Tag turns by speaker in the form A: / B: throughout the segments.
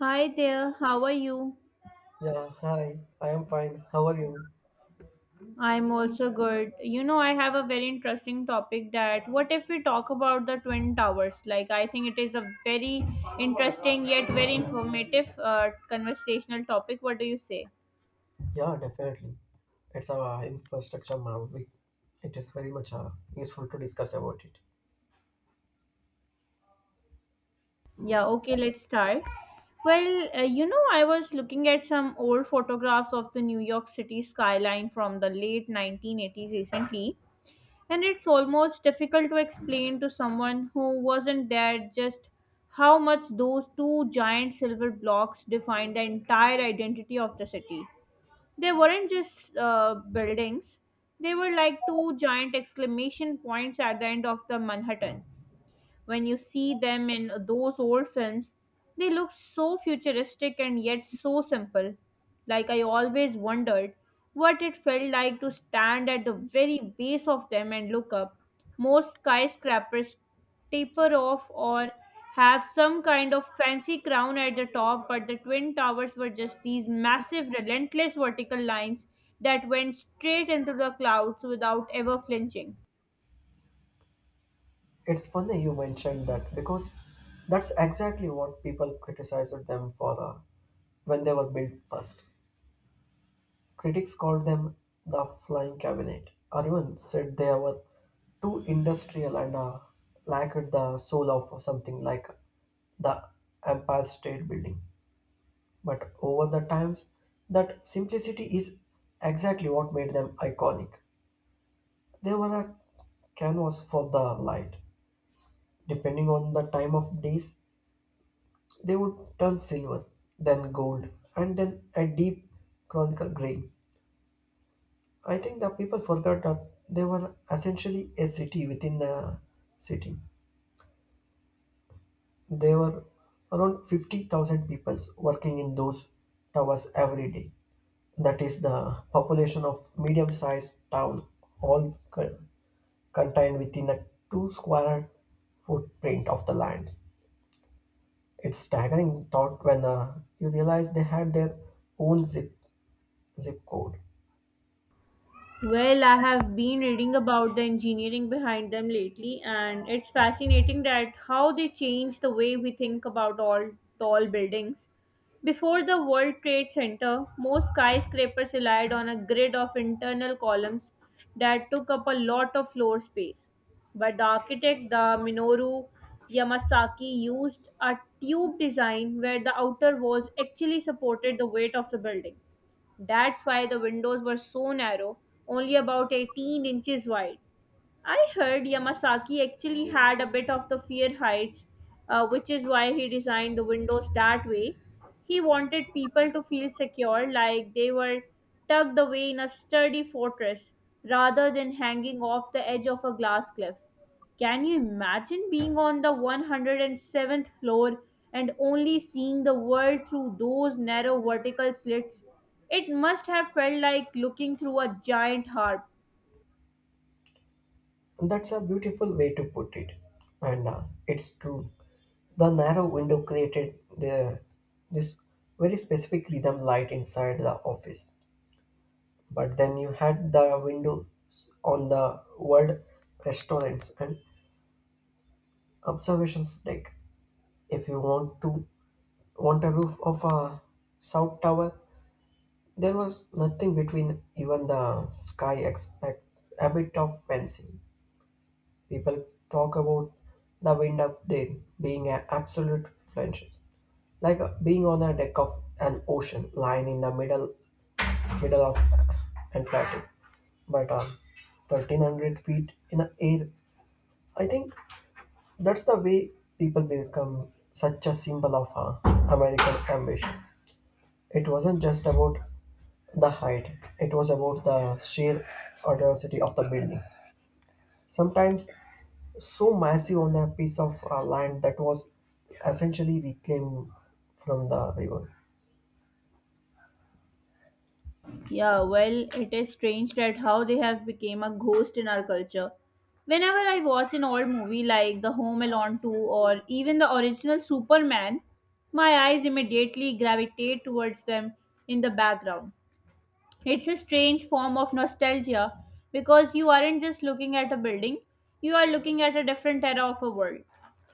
A: Hi there, how are you?
B: Yeah, hi. I am fine. How are you?
A: I'm also good. I have a very interesting topic that what if we talk about the Twin Towers? Like, I think it is a very interesting yet very informative conversational topic. What do you say?
B: Yeah, definitely. It's our infrastructure marvel. It is very much useful to discuss about it.
A: Yeah, okay, let's start. Well, I was looking at some old photographs of the New York City skyline from the late 1980s recently, and it's almost difficult to explain to someone who wasn't there just how much those two giant silver blocks define the entire identity of the city. They weren't just buildings, they were like two giant exclamation points at the end of the Manhattan when you see them in those old films, they look so futuristic and yet so simple. Like, I always wondered what it felt like to stand at the very base of them and look up. Most skyscrapers taper off or have some kind of fancy crown at the top, but the Twin Towers were just these massive, relentless vertical lines that went straight into the clouds without ever flinching.
B: It's funny you mentioned that because that's exactly what people criticized them for when they were built first. Critics called them the flying cabinet, or even said they were too industrial and lacked the soul of something like the Empire State Building. But over the times, that simplicity is exactly what made them iconic. They were a canvas for the light. Depending on the time of days, they would turn silver, then gold, and then a deep chronicle gray. I think the people forgot that they were essentially a city within a city. There were around 50,000 people working in those towers every day. That is the population of medium sized town, all co- contained within a two square footprint of the lands. It's staggering thought when you realize they had their own zip code.
A: Well, I have been reading about the engineering behind them lately, and it's fascinating that how they changed the way we think about all tall buildings. Before the World Trade Center, most skyscrapers relied on a grid of internal columns that took up a lot of floor space. But the architect, the Minoru Yamasaki, used a tube design where the outer walls actually supported the weight of the building. That's why the windows were so narrow, only about 18 inches wide. I heard Yamasaki actually had a bit of the fear heights, which is why he designed the windows that way. He wanted people to feel secure, like they were tucked away in a sturdy fortress, rather than hanging off the edge of a glass cliff. Can you imagine being on the 107th floor and only seeing the world through those narrow vertical slits? It must have felt like looking through a giant harp.
B: That's a beautiful way to put it, and it's true. The narrow window created the this very specific rhythm light inside the office, but then you had the windows on the world restaurants and observations deck. If you want to want a roof of a south tower, there was nothing between even the sky except a bit of fencing. People talk about the wind up there being an absolute flinches, like being on a deck of an ocean lying in the middle of Antarctic, but 1300 feet in the air. I think that's the way people become such a symbol of American ambition. It wasn't just about the height; it was about the sheer audacity of the building. Sometimes so massive on a piece of land that was essentially reclaimed from the river.
A: Yeah, well, it is strange that how they have become a ghost in our culture. Whenever I watch an old movie like The Home Alone 2 or even the original Superman, my eyes immediately gravitate towards them in the background. It's a strange form of nostalgia because you aren't just looking at a building, you are looking at a different era of a world.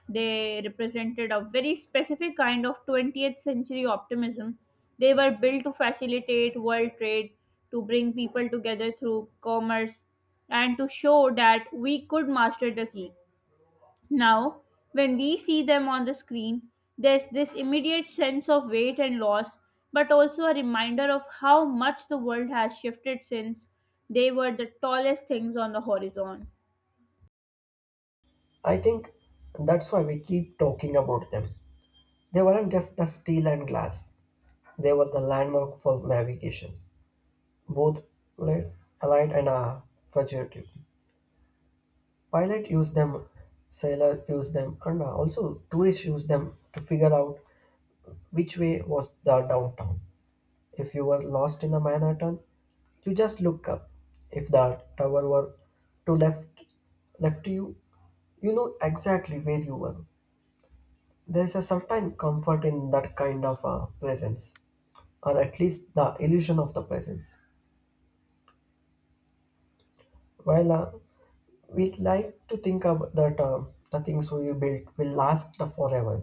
A: They represented a very specific kind of 20th century optimism. They were built to facilitate world trade, to bring people together through commerce, and to show that we could master the key. Now, when we see them on the screen, there's this immediate sense of weight and loss, but also a reminder of how much the world has shifted since they were the tallest things on the horizon.
B: I think that's why we keep talking about them. They weren't just the steel and glass, they were the landmark for navigations, both li- allied and fugitive. Pilot used them, sailor used them, and also tourists used them to figure out which way was the downtown. If you were lost in the Manhattan, you just look up. If the tower were to left you, you know exactly where you were. There is a certain comfort in that kind of presence, or at least the illusion of the presence. While we like to think about that the things we built will last forever,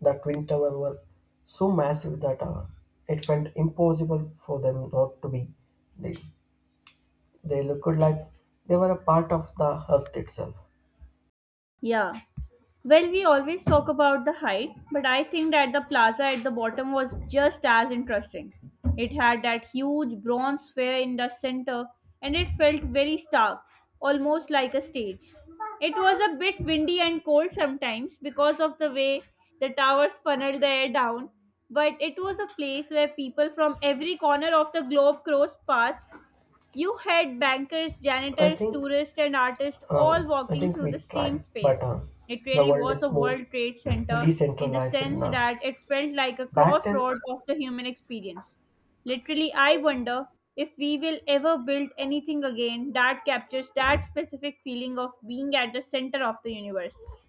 B: the twin tower were so massive that it felt impossible for them not to be. They, they looked like they were a part of the earth itself.
A: Yeah. Well, we always talk about the height, but I think that the plaza at the bottom was just as interesting. It had that huge bronze sphere in the center and it felt very stark, almost like a stage. It was a bit windy and cold sometimes because of the way the towers funneled the air down, but it was a place where people from every corner of the globe crossed paths. You had bankers,
B: I
A: janitors,
B: think
A: tourists, and artists all
B: I
A: walking
B: think
A: through the
B: we
A: same
B: try,
A: space.
B: but
A: It
B: the
A: really
B: world
A: was a
B: is more
A: World Trade Center in the
B: decentralized
A: sense
B: now.
A: that it felt like a
B: Back then,
A: crossroad of the human experience. Literally, I wonder if we will ever build anything again that captures that specific feeling of being at the center of the universe.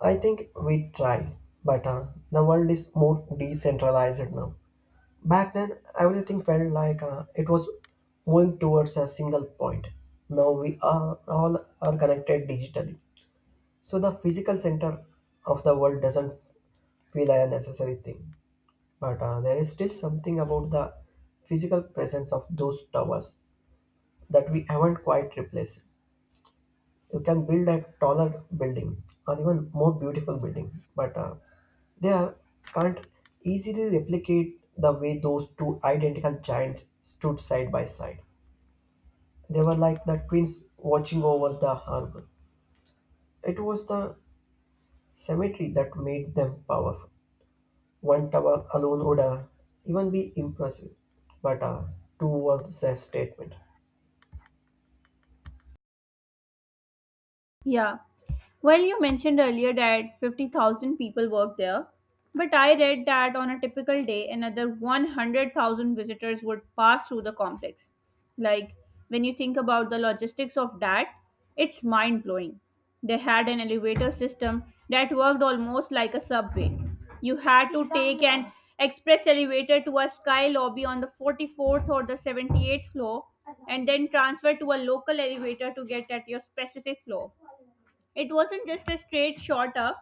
B: I think we try, but the world is more decentralized now. Back then, everything felt like it was moving towards a single point. Now we are all are connected digitally, so the physical center of the world doesn't feel a necessary thing. But there is still something about the physical presence of those towers that we haven't quite replaced. You can build a taller building or even more beautiful building, but they are, can't easily replicate the way those two identical giants stood side by side. They were like the twins watching over the harbor. It was the symmetry that made them powerful. One tower alone would even be impressive, but two was a statement.
A: Yeah. Well, you mentioned earlier that 50,000 people work there, but I read that on a typical day, another 100,000 visitors would pass through the complex. Like, when you think about the logistics of that, it's mind blowing. They had an elevator system that worked almost like a subway. You had to take an express elevator to a sky lobby on the 44th or the 78th floor and then transfer to a local elevator to get at your specific floor. It wasn't just a straight shot up.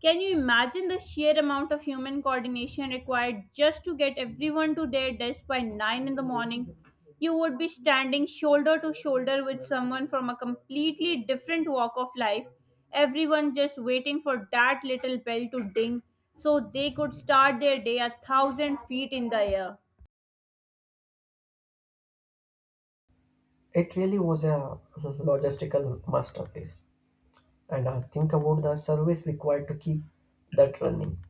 A: Can you imagine the sheer amount of human coordination required just to get everyone to their desk by 9 in the morning? You would be standing shoulder to shoulder with someone from a completely different walk of life, everyone just waiting for that little bell to ding so they could start their day a thousand feet in the air.
B: It really was a logistical masterpiece. And think about the service required to keep that running.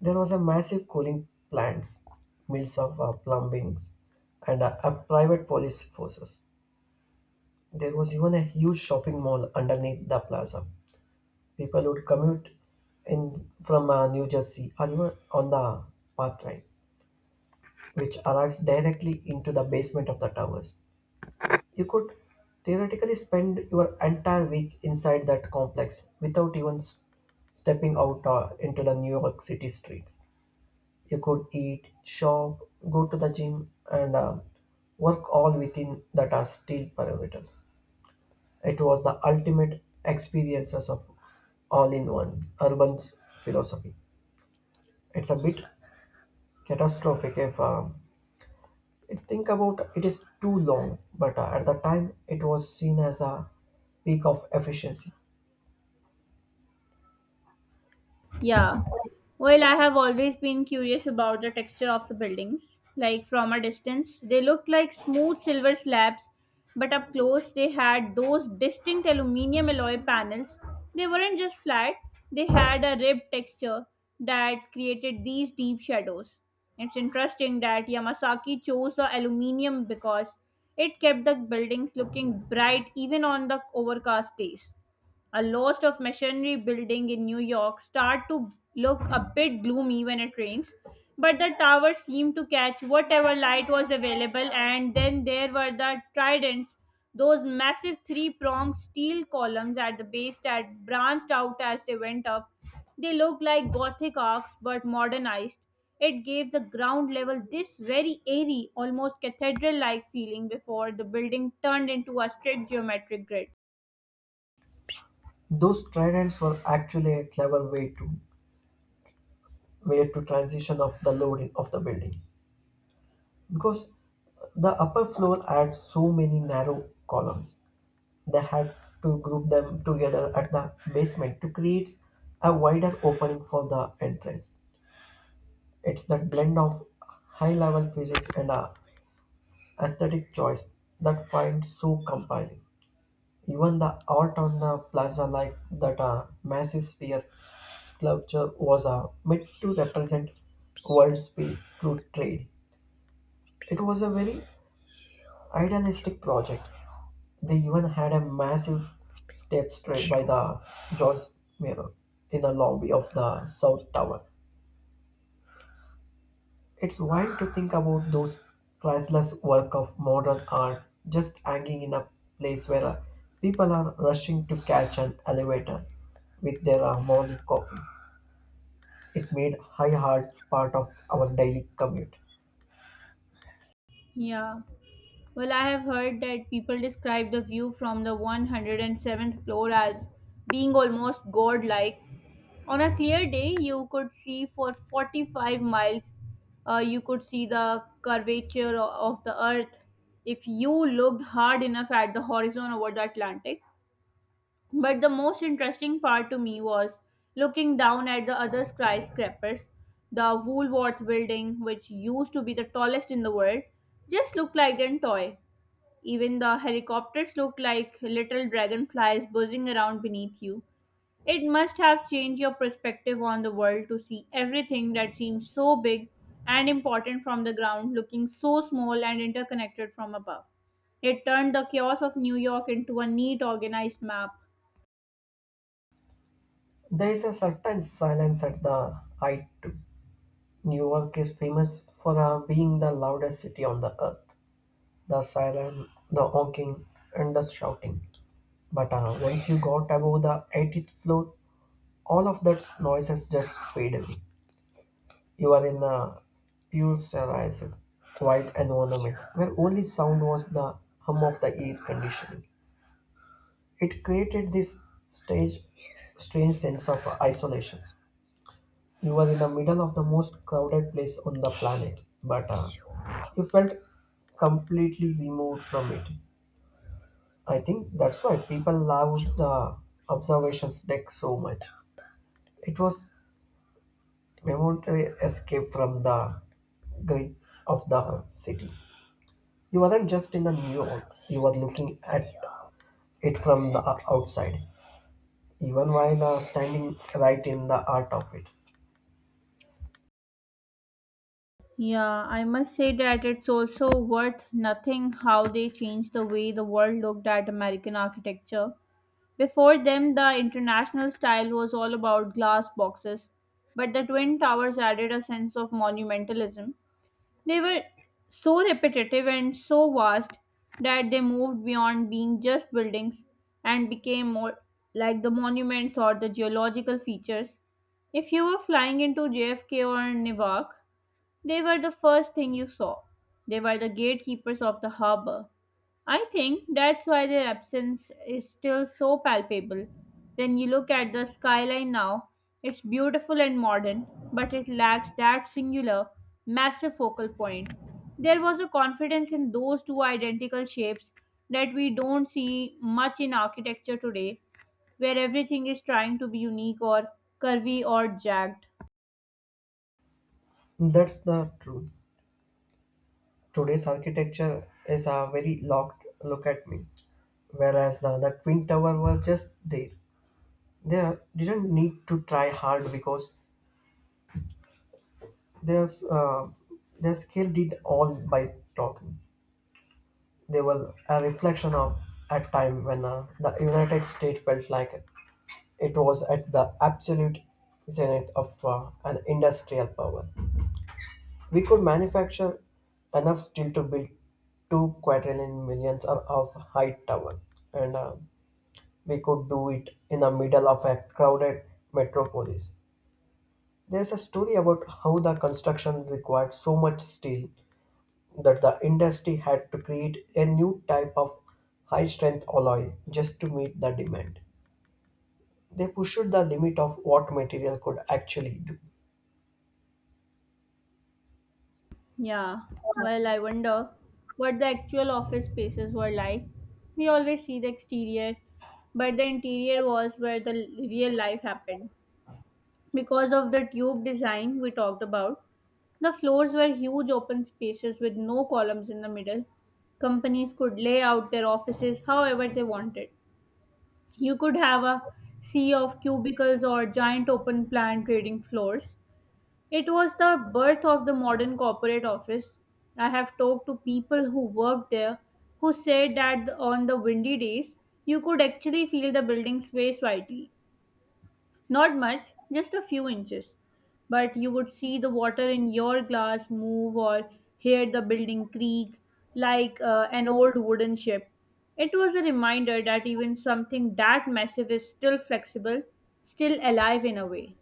B: There was a massive cooling plants, mills of plumbing, and a private police forces. There was even a huge shopping mall underneath the plaza. People would commute in from New Jersey or even on the park train, which arrives directly into the basement of the towers. You could theoretically spend your entire week inside that complex without even stepping out into the New York City streets. You could eat, shop, go to the gym, and work all within that are still parameters. It was the ultimate experiences of all in one urban philosophy. It's a bit catastrophic if it think about it is too long, but at the time it was seen as a peak of efficiency.
A: Yeah. Well, I have always been curious about the texture of the buildings. Like from a distance, they looked like smooth silver slabs, but up close, they had those distinct aluminium alloy panels. They weren't just flat, they had a ribbed texture that created these deep shadows. It's interesting that Yamasaki chose the aluminium because it kept the buildings looking bright even on the overcast days. A lot of machinery building in New York start to look a bit gloomy when it rains, but the towers seem to catch whatever light was available, and then there were the tridents, those massive three-pronged steel columns at the base that branched out as they went up. They looked like Gothic arcs but modernized. It gave the ground level this very airy, almost cathedral like feeling before the building turned into a straight geometric grid.
B: Those tridents were actually a clever way to transition of the loading of the building because the upper floor had so many narrow columns. They had to group them together at the basement to create a wider opening for the entrance. It's that blend of high level physics and a aesthetic choice that finds so compelling. Even the art on the plaza, like that massive sphere sculpture, was meant to represent world's peace through trade. It was a very idealistic project. They even had a massive tapestry by the George Mirror in the lobby of the South Tower. It's wild to think about those priceless work of modern art just hanging in a place where people are rushing to catch an elevator with their morning coffee. It made high heart part of our daily commute.
A: Yeah. Well, I have heard that people describe the view from the 107th floor as being almost godlike. On a clear day, you could see for 45 miles, you could see the curvature of the earth if you looked hard enough at the horizon over the Atlantic. But the most interesting part to me was looking down at the other skyscrapers. The Woolworth building, which used to be the tallest in the world, just looked like an toy. Even the helicopters look like little dragonflies buzzing around beneath you. It must have changed your perspective on the world to see everything that seems so big and important from the ground looking so small and interconnected from above. It turned the chaos of New York into a neat, organized map.
B: There is a certain silence at the height too. New York is famous for being the loudest city on the earth. The siren, the honking, and the shouting. But once you got above the 80th floor, all of that noise has just faded away. You are in a pure pressurized, quiet environment where only sound was the hum of the air conditioning. It created stage, strange sense of isolation. You were in the middle of the most crowded place on the planet, but you felt completely removed from it. I think that's why people loved the observations deck so much. It was momentary escape from the grid of the city. You weren't just in the New York, you were looking at it from the outside, even while standing right in the heart of it.
A: Yeah, I must say that it's also worth nothing how they changed the way the world looked at American architecture. Before them, the international style was all about glass boxes, but the Twin Towers added a sense of monumentalism. They were so repetitive and so vast that they moved beyond being just buildings and became more like the monuments or the geological features. If you were flying into JFK or Newark, they were the first thing you saw. They were the gatekeepers of the harbor. I think that's why their absence is still so palpable. When you look at the skyline now, it's beautiful and modern, but it lacks that singular, massive focal point. There was a confidence in those two identical shapes that we don't see much in architecture today, where everything is trying to be unique or curvy or jagged.
B: That's the truth. Today's architecture is a very locked look at me, whereas the Twin Tower were just there. They didn't need to try hard because their, uh, their skill did all by talking. They were a reflection of a time when the United States felt like it was at the absolute zenith of an industrial power. We could manufacture enough steel to build two quadrillion millions of height tower, and we could do it in the middle of a crowded metropolis. There's a story about how the construction required so much steel that the industry had to create a new type of high strength alloy just to meet the demand. They pushed the limit of what material could actually do.
A: Yeah, well, I wonder what the actual office spaces were like. We always see the exterior, but the interior was where the real life happened. Because of the tube design we talked about, the floors were huge open spaces with no columns in the middle. Companies could lay out their offices however they wanted. You could have a sea of cubicles or giant open plan trading floors. It was the birth of the modern corporate office. I have talked to people who worked there who said that on the windy days, you could actually feel the building sway slightly. Not much, just a few inches. But you would see the water in your glass move or hear the building creak like an old wooden ship. It was a reminder that even something that massive is still flexible, still alive in a way.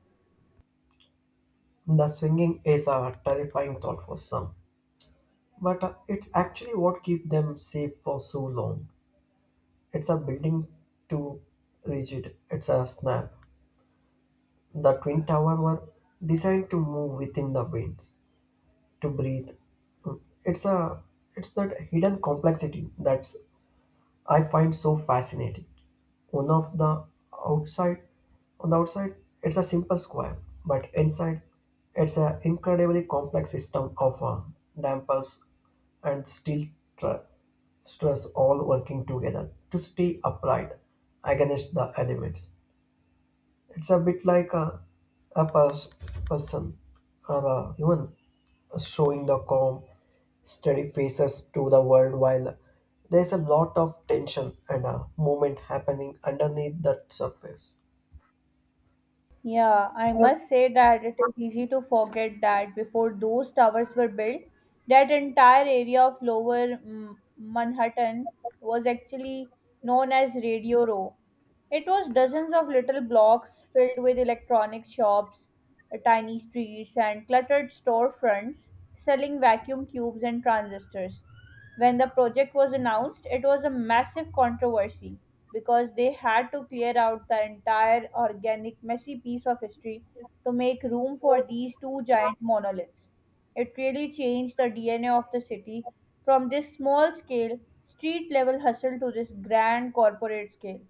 B: The swinging is a terrifying thought for some, but it's actually what keeps them safe for so long. It's a building too rigid, it's a snap. The Twin Tower were designed to move within the winds, to breathe. It's a it's that hidden complexity that's I find so fascinating. One of the outside, on the outside, it's a simple square, but inside, it's an incredibly complex system of dampers and steel tr- stress all working together to stay upright against the elements. It's a bit like a person or a human showing the calm, steady faces to the world while there's a lot of tension and a movement happening underneath that surface.
A: Yeah, I must say that it is easy to forget that before those towers were built, that entire area of lower Manhattan was actually known as Radio Row. It was dozens of little blocks filled with electronic shops, tiny streets, and cluttered storefronts selling vacuum tubes and transistors. When the project was announced, it was a massive controversy because they had to clear out the entire organic, messy piece of history to make room for these two giant monoliths. It really changed the DNA of the city from this small scale, street level hustle to this grand corporate scale.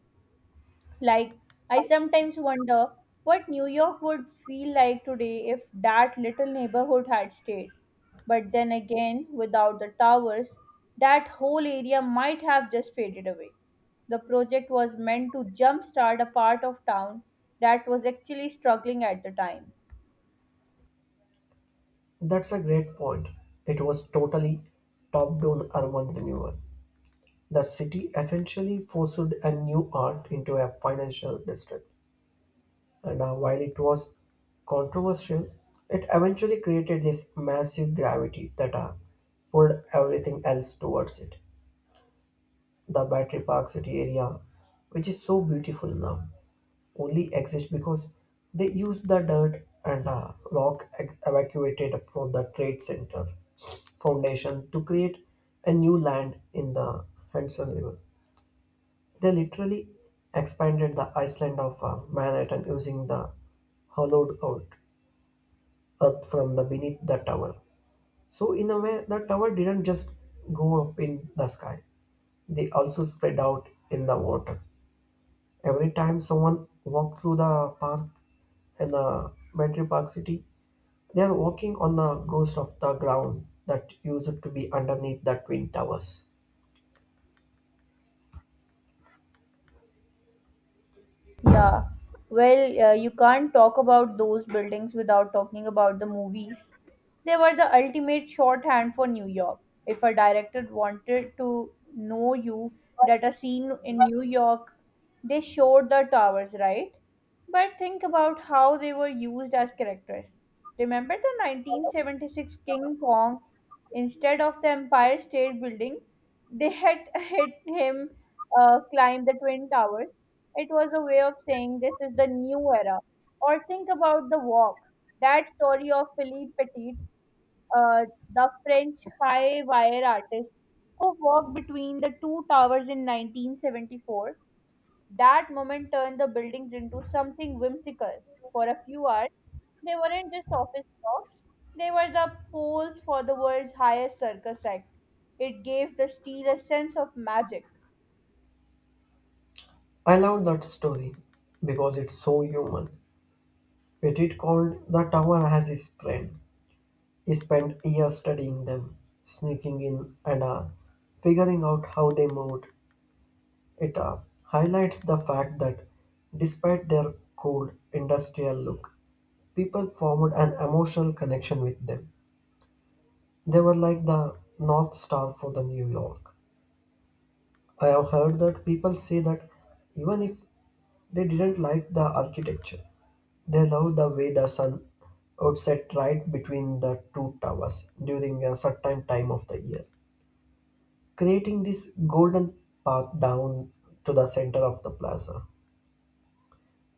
A: Like, I sometimes wonder what New York would feel like today if that little neighborhood had stayed. But then again, without the towers, that whole area might have just faded away. The project was meant to jumpstart a part of town that was actually struggling at the time.
B: That's a great point. It was totally top down urban renewal. The city essentially forced a new art into a financial district. And while it was controversial, it eventually created this massive gravity that pulled everything else towards it. The Battery Park City area, which is so beautiful now, only exists because they used the dirt and rock evacuated from the Trade Center Foundation to create a new land in the Hudson River. They literally expanded the island of Manhattan using the hollowed out earth from the beneath the tower. So in a way, the tower didn't just go up in the sky; they also spread out in the water. Every time someone walked through the park in the Battery Park City, they are walking on the ghost of the ground that used to be underneath the twin towers.
A: Yeah. Well, you can't talk about those buildings without talking about the movies. They were the ultimate shorthand for New York. If a director wanted to know you that a scene in New York, they showed the towers, right? But think about how they were used as characters. Remember the 1976 King Kong? Instead of the Empire State Building, they had hit him climb the Twin Towers. It was a way of saying this is the new era. Or think about The Walk, that story of Philippe Petit, uh, the French high wire artist who walked between the two towers in 1974. That moment turned the buildings into something whimsical. For a few hours, they weren't just office blocks, they were the poles for the world's highest circus act. It gave the steel a sense of magic.
B: I love that story because it's so human. Petit called the tower as his friend. He spent years studying them, sneaking in and figuring out how they moved. It highlights the fact that despite their cold, industrial look, people formed an emotional connection with them. They were like the North Star for the New York. I have heard that people say that even if they didn't like the architecture, they loved the way the sun would set right between the two towers during a certain time of the year, creating this golden path down to the center of the plaza.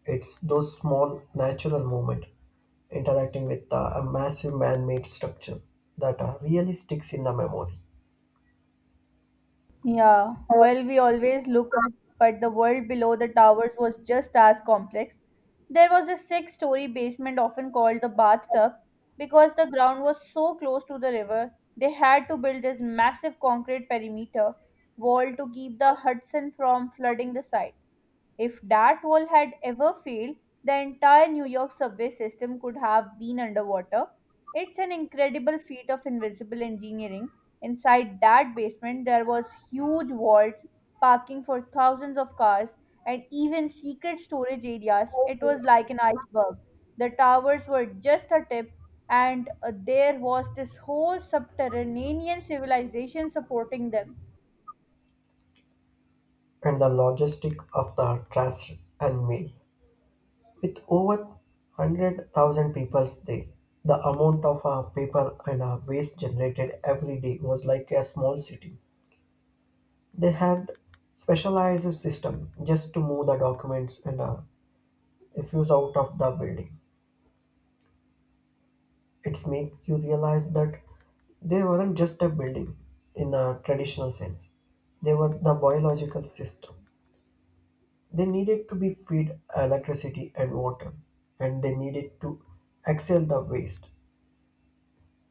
B: It's those small natural movement interacting with a massive man-made structure that really sticks in the memory.
A: Yeah, well, we always look up, but the world below the towers was just as complex. There was a six-story basement, often called the bathtub, because the ground was so close to the river, they had to build this massive concrete perimeter wall to keep the Hudson from flooding the site. If that wall had ever failed, the entire New York subway system could have been underwater. It's an incredible feat of invisible engineering. Inside that basement, there was huge vaults, parking for thousands of cars, and even secret storage areas. It was like an iceberg. The towers were just a tip, and there was this whole subterranean civilization supporting them.
B: And the logistic of the trash and mail. With over 100,000 people there, the amount of paper and waste generated every day was like a small city. They had specialized system just to move the documents and a few out of the building. It's make you realize that they weren't just a building in a traditional sense. They were the biological system. They needed to be fed electricity and water, and they needed to exhale the waste.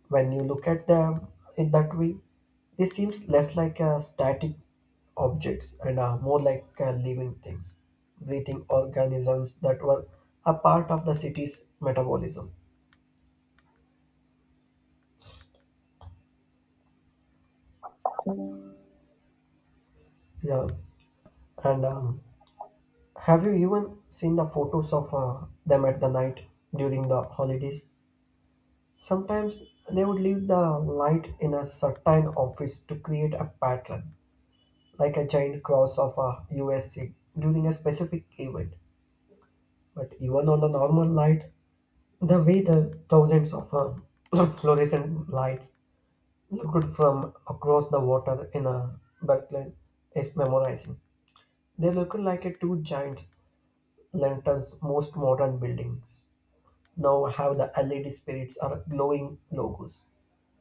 B: When you look at them in that way, they seems less like a static objects and are more like living things, breathing organisms that were a part of the city's metabolism. Yeah, and have you even seen the photos of them at the night during the holidays? Sometimes they would leave the light in a certain office to create a pattern, like a giant cross of a USC during a specific event. But even on the normal light, the way the thousands of fluorescent lights looked from across the water in a Brooklyn is memorizing. They look like a two giant lanterns, most modern buildings now have the LED spirits or glowing logos.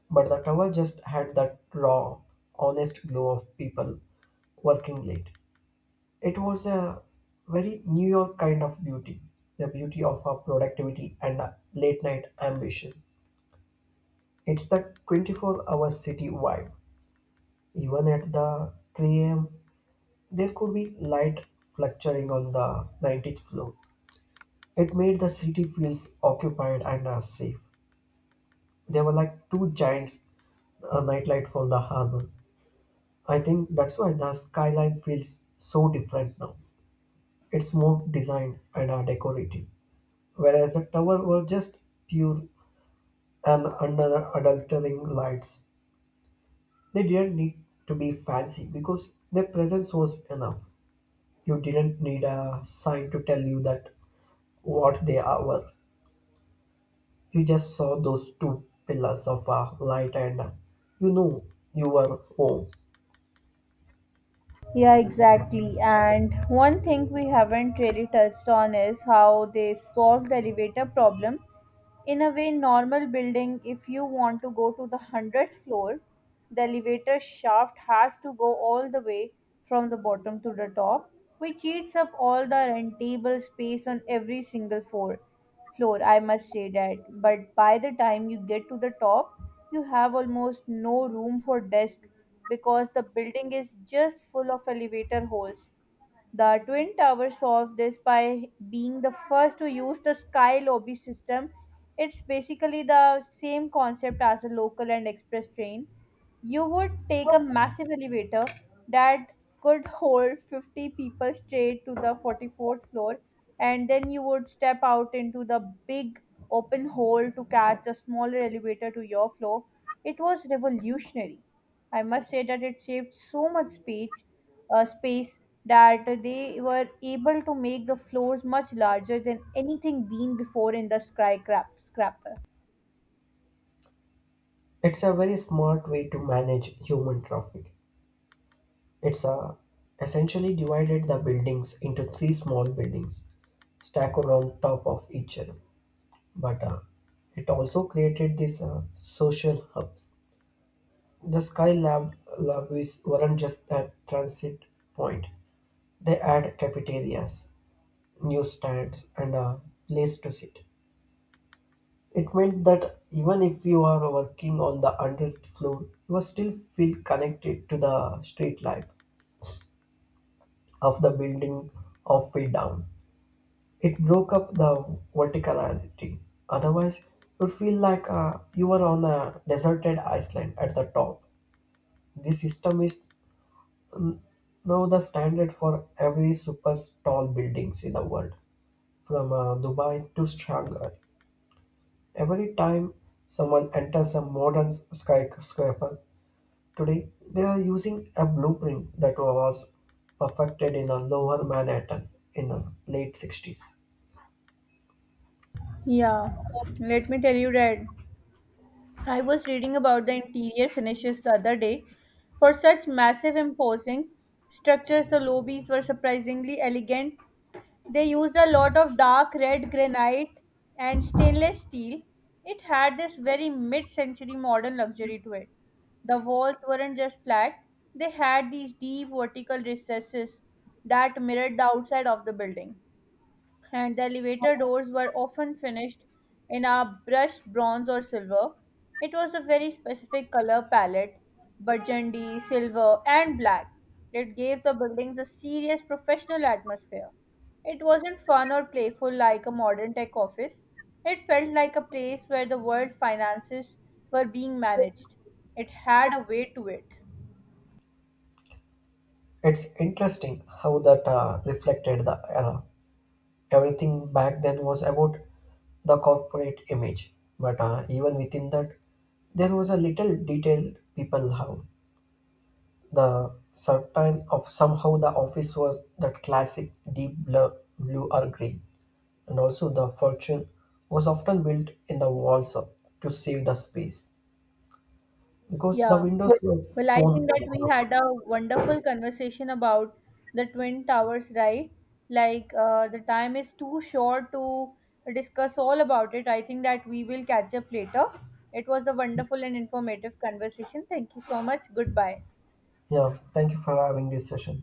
B: But the tower just had that raw, honest glow of people working late. It was a very New York kind of beauty, the beauty of our productivity and late night ambitions. It's the 24-hour city vibe. Even at the 3 a.m., there could be light fluctuating on the 90th floor. It made the city feels occupied and safe. They were like two giants, a nightlight for the harbor. I think that's why the skyline feels so different now. It's more designed and decorative, whereas the tower were just pure and under adultering lights. They didn't need to be fancy because their presence was enough. You didn't need a sign to tell you that what they are were. You just saw those two pillars of light and uh, you know you were home.
A: Yeah, exactly. And one thing we haven't really touched on is how they solved the elevator problem. In a way, normal building, if you want to go to the 100th floor, the elevator shaft has to go all the way from the bottom to the top, which eats up all the rentable space on every single floor, I must say that. But by the time you get to the top, you have almost no room for desk because the building is just full of elevator holes. The Twin Towers solved this by being the first to use the Sky Lobby system. It's basically the same concept as a local and express train, you would take a massive elevator that could hold 50 people straight to the 44th floor, and then you would step out into the big open hole to catch a smaller elevator to your floor. It was revolutionary. I must say that it saved so much space, space that they were able to make the floors much larger than anything been before in the skyscraper.
B: It's a very smart way to manage human traffic. It's a, essentially divided the buildings into three small buildings stacked on top of each other. But It also created these social hubs. The SkyLab Lab lobbies weren't just a transit point. They had cafeterias, newsstands, and a place to sit. It meant that even if you are working on the 100th floor, you will still feel connected to the street life of the building of feet down. It broke up the verticality. Otherwise, you'd feel like you were on a deserted island at the top. This system is now the standard for every super tall buildings in the world, from Dubai to Shanghai. Every time someone enters a modern skyscraper today, they are using a blueprint that was perfected in a lower Manhattan in the late 60s.
A: Yeah, let me tell you that I was reading about the interior finishes the other day. For such massive, imposing structures, the lobbies were surprisingly elegant. They used a lot of dark red granite and stainless steel. It had this very mid century modern luxury to it. The walls weren't just flat, they had these deep vertical recesses that mirrored the outside of the building and the elevator doors were often finished in a brushed bronze or silver. It was a very specific color palette burgundy, silver, and black that gave the buildings a serious professional atmosphere. It wasn't fun or playful like a modern tech office. It felt like a place where the world's finances were being managed. It had a way to it.
B: It's interesting how that reflected the era. Everything back then was about the corporate image, but even within that, there was a little detail people have. The certain of somehow the office was that classic deep blue or green, and also the fortune was often built in the walls up to save the space because the
A: Yeah.
B: windows were
A: Well, I think
B: soon.
A: that we had a wonderful conversation about the Twin Towers, right? Like, the time is too short to discuss all about it. I think that we will catch up later. It was a wonderful and informative conversation. Thank you so much. Goodbye.
B: Yeah, thank you for having this session.